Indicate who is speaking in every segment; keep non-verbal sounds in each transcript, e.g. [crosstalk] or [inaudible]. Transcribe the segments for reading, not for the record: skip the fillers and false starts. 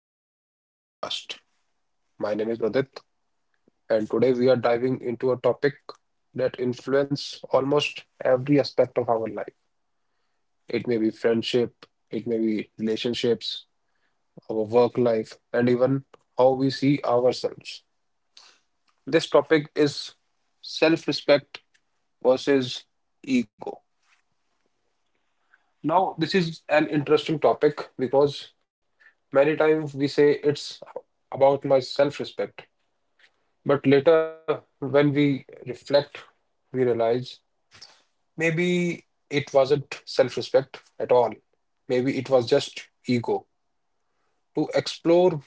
Speaker 1: Welcome to today's podcast. My name is Udit and today we are diving into a topic that influences almost every aspect of our life. It may be friendship, it may be relationships, our work life and even how we see ourselves. This topic is self-respect versus ego. Now, this is an interesting topic because many times we say it's about my self-respect, but later, when we reflect, we realize maybe it wasn't self-respect at all. Maybe it was just ego. To explore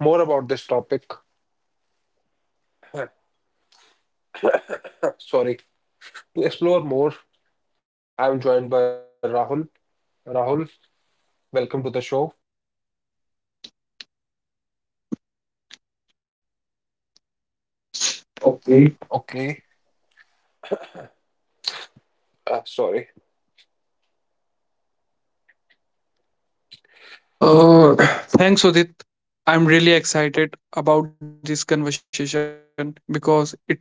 Speaker 1: more about this topic, [laughs] sorry, to explore more, I'm joined by Rahul. Rahul, welcome to the show.
Speaker 2: Okay.
Speaker 1: Okay, sorry.
Speaker 2: Uh, Thanks, Udit. I'm really excited about this conversation because it's so real.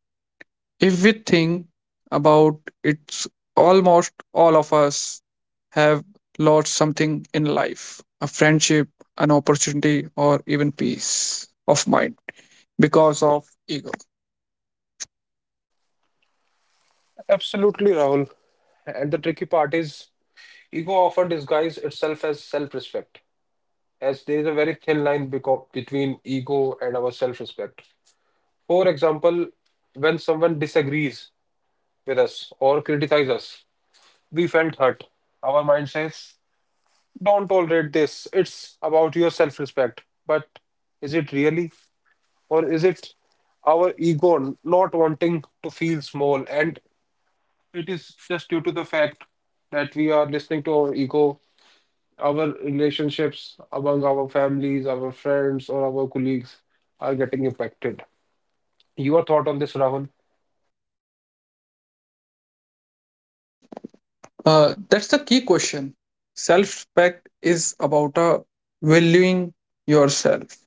Speaker 2: If we think about it's almost all of us have lost something in life a friendship, an opportunity, or even peace of mind because of ego.
Speaker 1: Absolutely, Rahul. And the tricky part is, ego often disguises itself as self-respect, as there is a very thin line between ego and our self-respect. For example, when someone disagrees with us or criticizes us, we felt hurt. Our mind says, don't tolerate this. It's about your self respect. But is it really? Or is it our ego not wanting to feel small? And it is just due to the fact that we are listening to our ego, our relationships among our families, our friends, or our colleagues are getting impacted. Your thought on this, Rahul?
Speaker 2: That's the key question. Self respect is about valuing yourself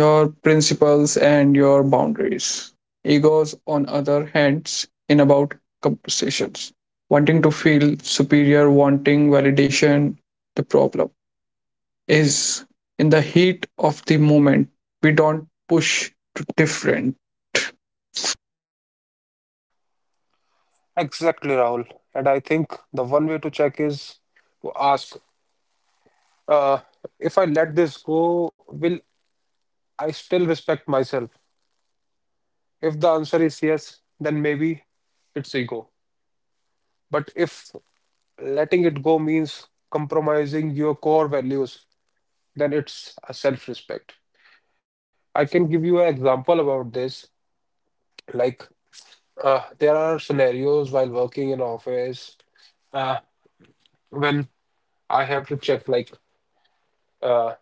Speaker 2: your principles and your boundaries. Egos, on other hands, in about conversations, wanting to feel superior, wanting validation. The problem is in the heat of the moment, we don't push to different.
Speaker 1: Exactly, Rahul. And I think the one way to check is to ask, uh, if I let this go, will I still respect myself? If the answer is yes, then maybe it's ego. But if letting it go means compromising your core values, then it's a self-respect. I can give you an example about this. Like, there are scenarios while working in office uh, when I have to check like. uh,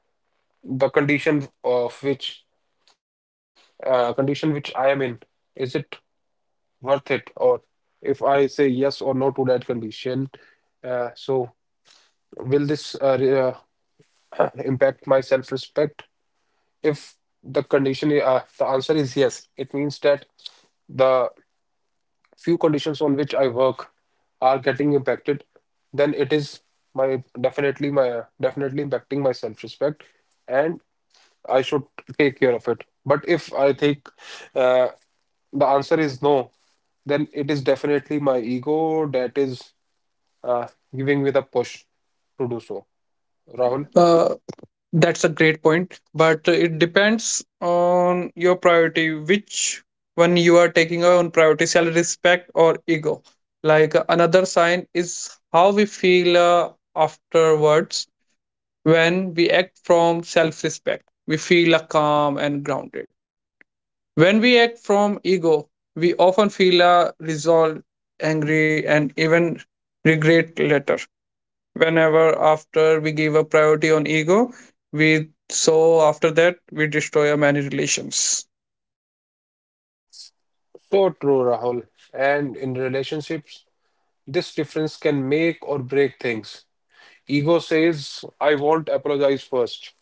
Speaker 1: the condition of which condition which I am in, is it worth it? Or if I say yes or no to that condition, so will this impact my self-respect? If the condition, the answer is yes, it means that the few conditions on which I work are getting impacted, then it is my definitely impacting my self-respect, and I should take care of it. But if I think uh, the answer is no, then it is definitely my ego that is uh, giving me the push to do so. Rahul,
Speaker 2: Uh, That's a great point, but it depends on your priority, which one you are taking on priority, salary, respect, or ego. Like another sign is how we feel afterwards when we act from self respect. We feel calm and grounded. When we act from ego, we often feel resolved, angry, and even regret later whenever after we give a priority on ego we so after that we destroy our many relations.
Speaker 1: so true, Rahul. And in relationships, this difference can make or break things. Ego says, I won't apologize first,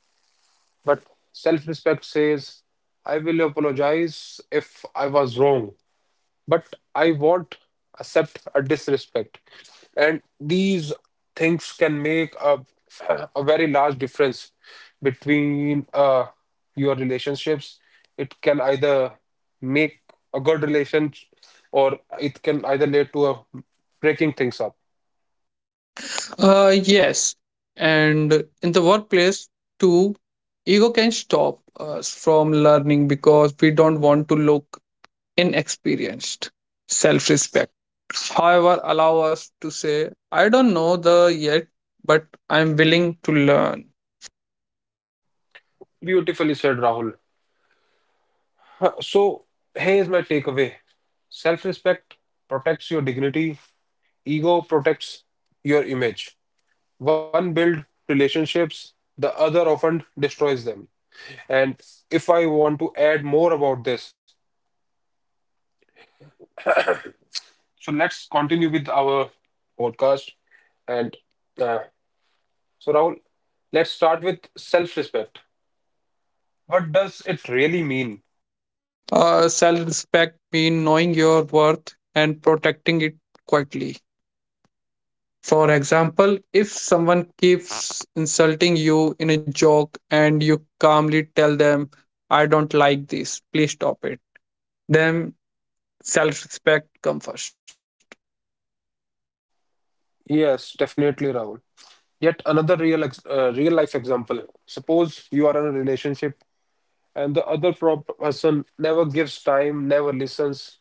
Speaker 1: but self-respect says, I will apologize if I was wrong. But I won't accept a disrespect. And these things can make a very large difference between your relationships. It can either make a good relation or it can either lead to a breaking things up.
Speaker 2: Yes, and in the workplace too ego can stop us from learning because we don't want to look inexperienced. Self-respect however allow us to say I don't know the yet but I'm willing to learn.
Speaker 1: Beautifully said, Rahul. So, here's my takeaway self respect protects your dignity, ego protects your image. One builds relationships, the other often destroys them. And if I want to add more about this, so let's continue with our podcast. And uh, so, Rahul, let's start with self respect. What does it really mean?
Speaker 2: Self-respect mean knowing your worth and protecting it quietly. For example, if someone keeps insulting you in a joke and you calmly tell them, I don't like this, please stop it, then self respect come first.
Speaker 1: Yes, definitely, Rahul. Yet another real life example. Suppose you are in a relationship and the other person never gives time, never listens.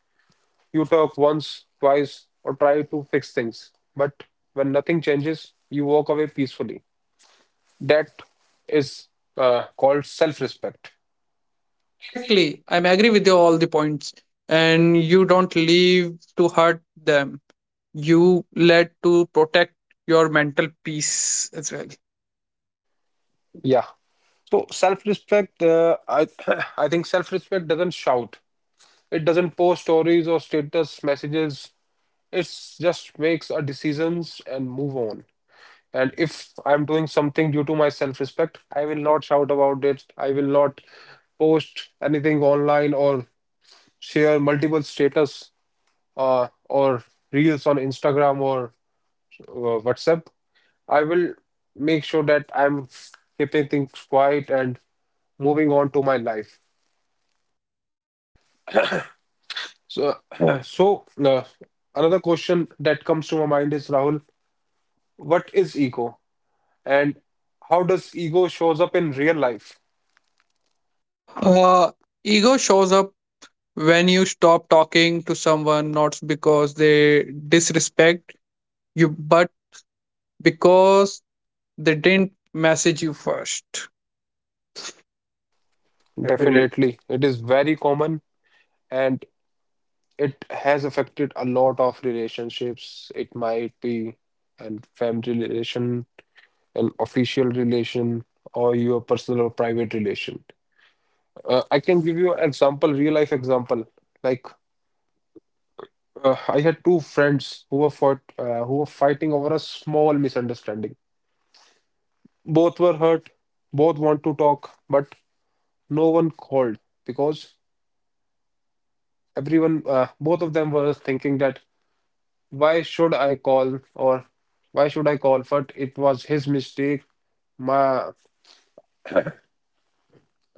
Speaker 1: You talk once, twice, or try to fix things. But when nothing changes, you walk away peacefully. That is called self-respect.
Speaker 2: Exactly. I am agree with you all the points. And you don't leave to hurt them. You let to protect your mental peace as well.
Speaker 1: Yeah. So self-respect, I [clears throat] I think self-respect doesn't shout. It doesn't post stories or status messages. It just makes a decisions and move on. And if I'm doing something due to my self-respect, I will not shout about it. I will not post anything online or share multiple status or reels on Instagram or WhatsApp. I will make sure that I'm keeping things quiet and moving on to my life. So, [clears throat] so, another question that comes to my mind is Rahul, what is ego and how does ego shows up in real life?
Speaker 2: Uh, Ego shows up when you stop talking to someone, not because they disrespect you, but because they didn't message you first. Definitely.
Speaker 1: Definitely, it is very common and it has affected a lot of relationships. It might be and family relation an official relation or your personal or private relation. I can give you an example, real life example. Like, I had two friends who who were fighting over a small misunderstanding. Both were hurt, both want to talk, but no one called because both of them were thinking that why should I call or why should I call? But it was his mistake. My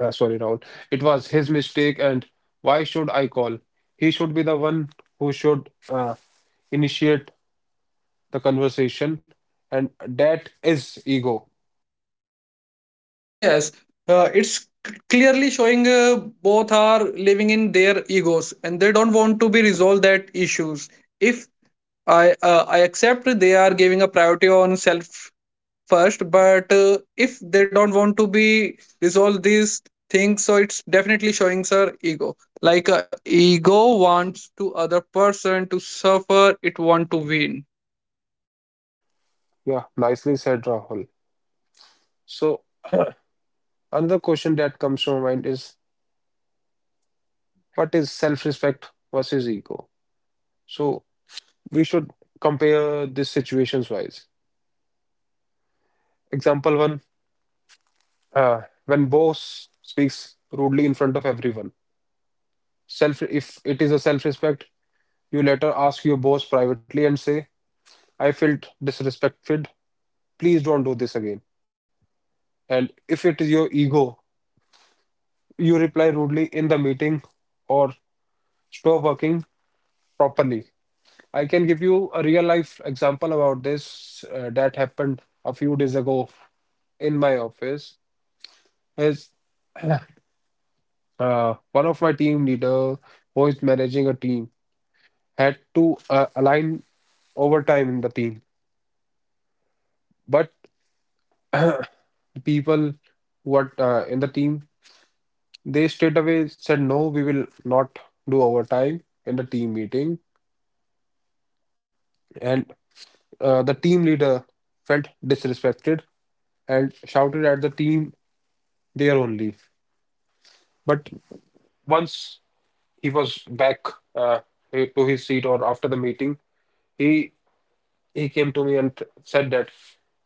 Speaker 1: Sorry, Rahul. It was his mistake, and why should I call? He should be the one who should initiate the conversation, and that is ego.
Speaker 2: Yes, it's clearly showing both are living in their egos and they don't want to be resolved that issues. If I I accept they are giving a priority on self first, but if they don't want to be resolve these things, so it's definitely showing sir ego. Like ego wants to other person to suffer, it want to win.
Speaker 1: Yeah, nicely said, Rahul. So, [clears throat] another question that comes to my mind is what is self-respect versus ego? So, we should compare these situations wise. Example one, when boss speaks rudely in front of everyone. Self, if it is a self-respect, you later ask your boss privately and say, I felt disrespected. Please don't do this again. And if it is your ego, you reply rudely in the meeting or stop working properly. I can give you a real life example about this that happened a few days ago in my office. Is [clears throat] one of my team leader who is managing a team had to align overtime in the team, but [clears throat] people what in the team they straight away said no we will not do overtime in the team meeting and the team leader felt disrespected and shouted at the team there only. But once he was back uh, to his seat or after the meeting he. he came to me and said that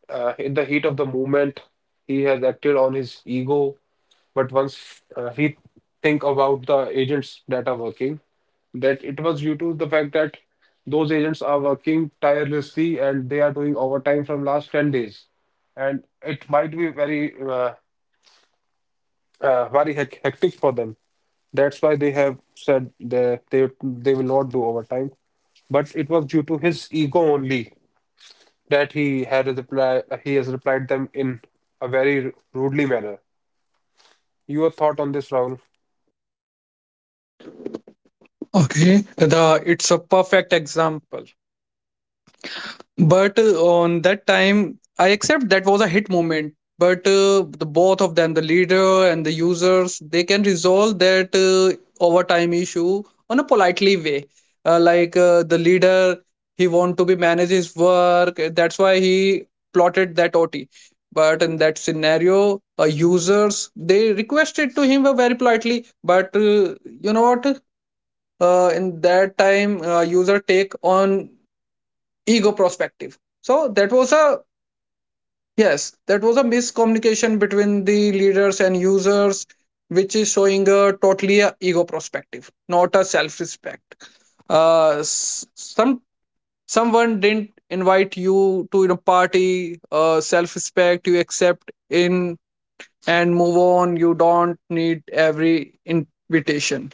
Speaker 1: in the heat of the moment, he has acted on his ego. But once he think about the agents that are working, that it was due to the fact that those agents are working tirelessly and they are doing overtime from last 10 days. And it might be very, hectic for them. That's why they have said they will not do overtime. But it was due to his ego only that he had reply he has replied them in a very rudely manner. Your thought on this, Rahul?
Speaker 2: Okay, the it's a perfect example. But on that time, I accept that was a hit moment. But the both of them, the leader and the users, they can resolve that overtime issue on a politely way. The leader, he want to be manage his work. That's why he plotted that OT. But in that scenario, users they requested to him very politely. But you know what? In that time user take on ego perspective so that was a yes that was a miscommunication between the leaders and users which is showing a totally a ego perspective not a self respect. Uh, s- some someone didn't invite you to a party. Self respect you accept in and move on, you don't need every invitation.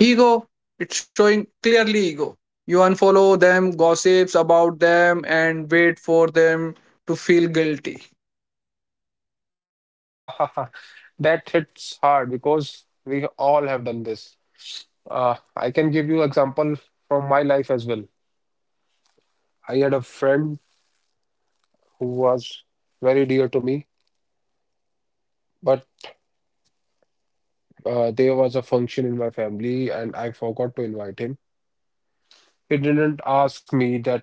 Speaker 2: Ego. It's showing clearly ego. You unfollow them, gossips about them, and wait for them to feel guilty.
Speaker 1: [laughs] That hits hard because we all have done this. I can give you example from my life as well. I had a friend who was very dear to me, but there was a function in my family and I forgot to invite him. He didn't ask me that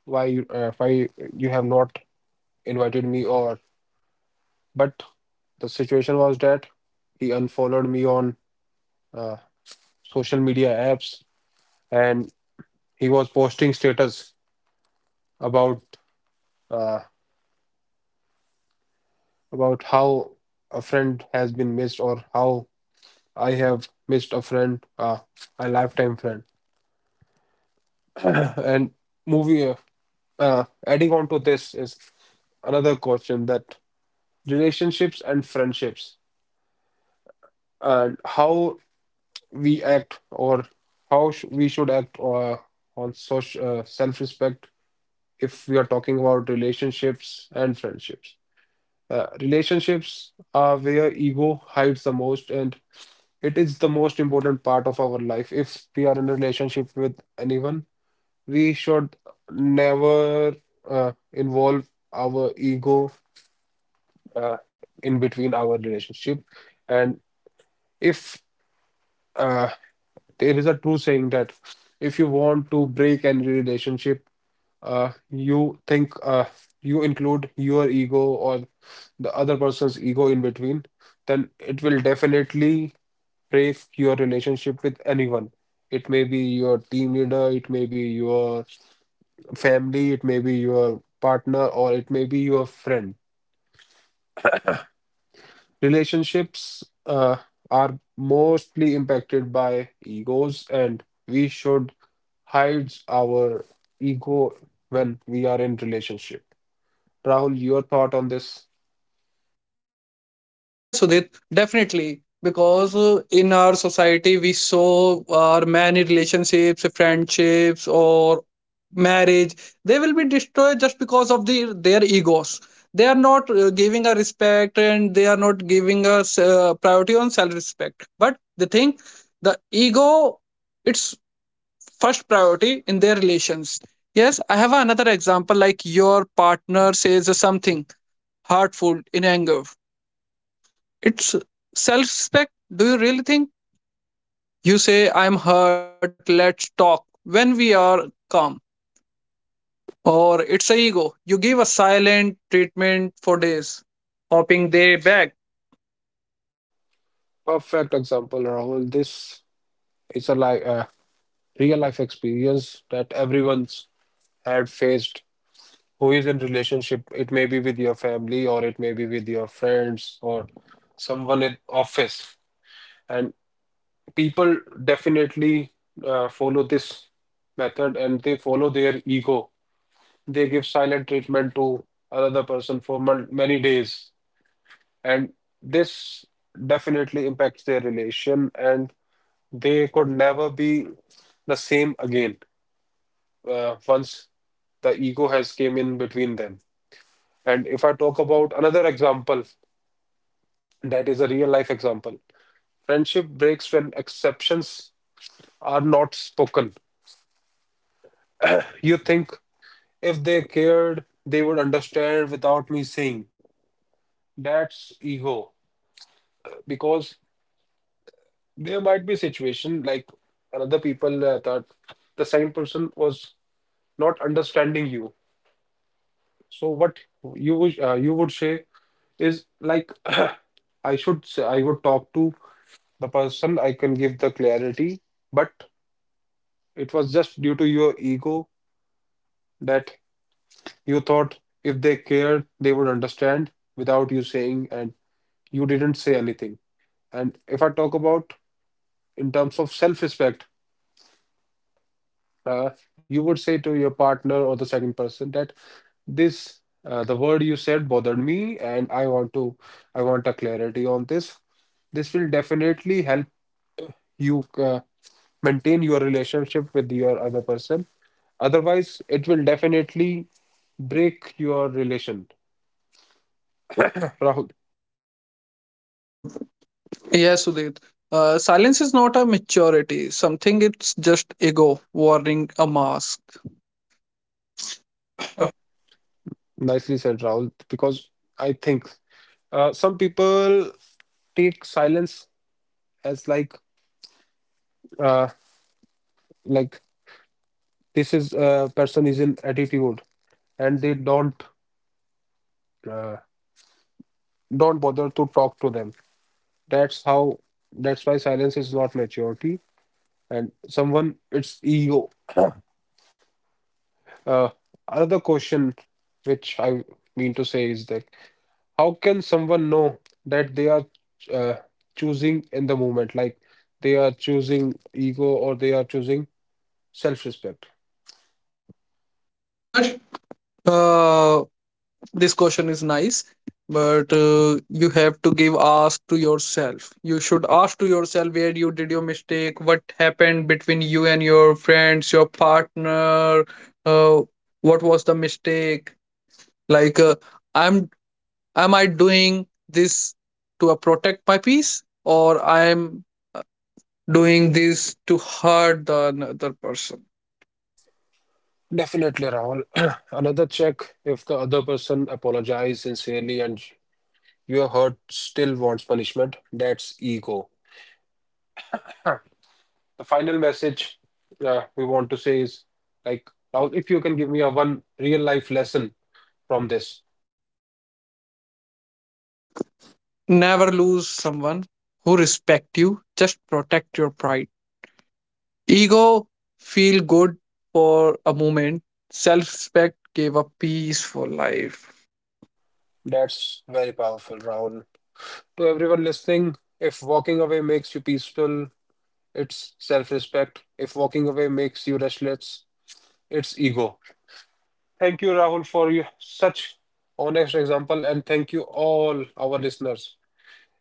Speaker 1: why you have not invited me or but the situation was that he unfollowed me on uh, social media apps, and he was posting status about uh, about how a friend has been missed or how I have missed a friend, a lifetime friend. [coughs] [clears throat] and moving adding on to this is another question that relationships and friendships and how we act or how sh we should act on social self-respect if we are talking about relationships and friendships. Relationships are where ego hides the most, and it is the most important part of our life. If we are in a relationship with anyone, we should never involve our ego uh, in between our relationship. And if uh, there is a true saying that if you want to break any relationship, uh, you think uh, you include your ego or the other person's ego in between, then it will definitely break your relationship with anyone. It may be your team leader, it may be your family, it may be your partner, or it may be your friend. Relationships are mostly impacted by egos, and we should hide our ego when we are in relationship. Rahul, your thought on this?
Speaker 2: Yes, Sudhit, definitely. Because in our society, we saw our many relationships, friendships, or marriage, they will be destroyed just because of the, their egos. They are not giving a respect and they are not giving us priority on self respect. But the thing, the ego, it's first priority in their relations. Yes, I have another example like your partner says something hurtful in anger. It's self respect. Do you really think? You say, I'm hurt, let's talk when we are calm. Or it's a ego. You give a silent treatment for days, hoping they back.
Speaker 1: Perfect example, Rahul. This is a real life experience that everyone's had faced. Who is in relationship? It may be with your family, or it may be with your friends, or someone in office. And people definitely follow this method and they follow their ego. They give silent treatment to another person for many days, and this definitely impacts their relation, and they could never be the same again once the ego has came in between them. And if I talk about another example, that is a real life example. Friendship breaks when exceptions are not spoken. You think if they cared, they would understand without me saying. That's ego. Because there might be a situation like another people that the same person was not understanding you. So what you would say is like [clears throat] I should say, I would talk to the person I can give the clarity, but it was just due to your ego that you thought if they cared, they would understand without you saying, and you didn't say anything. And if I talk about in terms of self-respect, uh, you would say to your partner or the second person that this the word you said bothered me, and I want a clarity on this. This will definitely help you maintain your relationship with your other person. Otherwise, it will definitely break your relation. Rahul,
Speaker 2: Uh, yes, Sudit. Silence is not a maturity, something it's just ego, wearing a mask.
Speaker 1: nicely said, Rahul, because I think some people take silence as uh, like this is person is in attitude, and they don't uh, bother to talk to them. That's how. That's why silence is not maturity, and someone it's ego. Uh, Another question, which I mean to say, is that how can someone know that they are uh, choosing in the moment, like they are choosing ego or they are choosing self-respect?
Speaker 2: First, uh, this question is nice but you have to give ask to yourself, you should ask to yourself where you did your mistake, what happened between you and your friends your partner. uh, what was the mistake, like I'm am I doing this to protect my peace or I'm doing this to hurt the another person.
Speaker 1: Definitely, Rahul. [clears throat] Another check if the other person apologizes sincerely and your hurt still wants punishment. That's ego. Huh. The final message we want to say is like, Rahul, if you can give me a one real life lesson from this,
Speaker 2: uh, Never lose someone who respect you just protect your pride. Ego feel good for a moment. Self-respect gave a peace for life.
Speaker 1: that's very powerful, Rahul. To everyone listening, if walking away makes you peaceful, it's self respect. If walking away makes you restless, it's ego. Thank you, Rahul, for you, such honest example, and thank you all our listeners.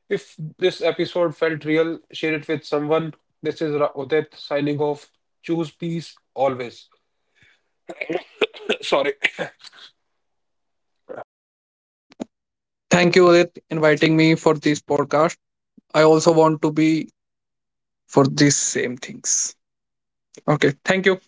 Speaker 1: If this episode felt real, share it with someone. This is Udit signing off. Choose peace always. [clears throat] Sorry.
Speaker 2: Thank you, Udit, inviting me for this podcast. I also want to be for these same things. Okay, thank you.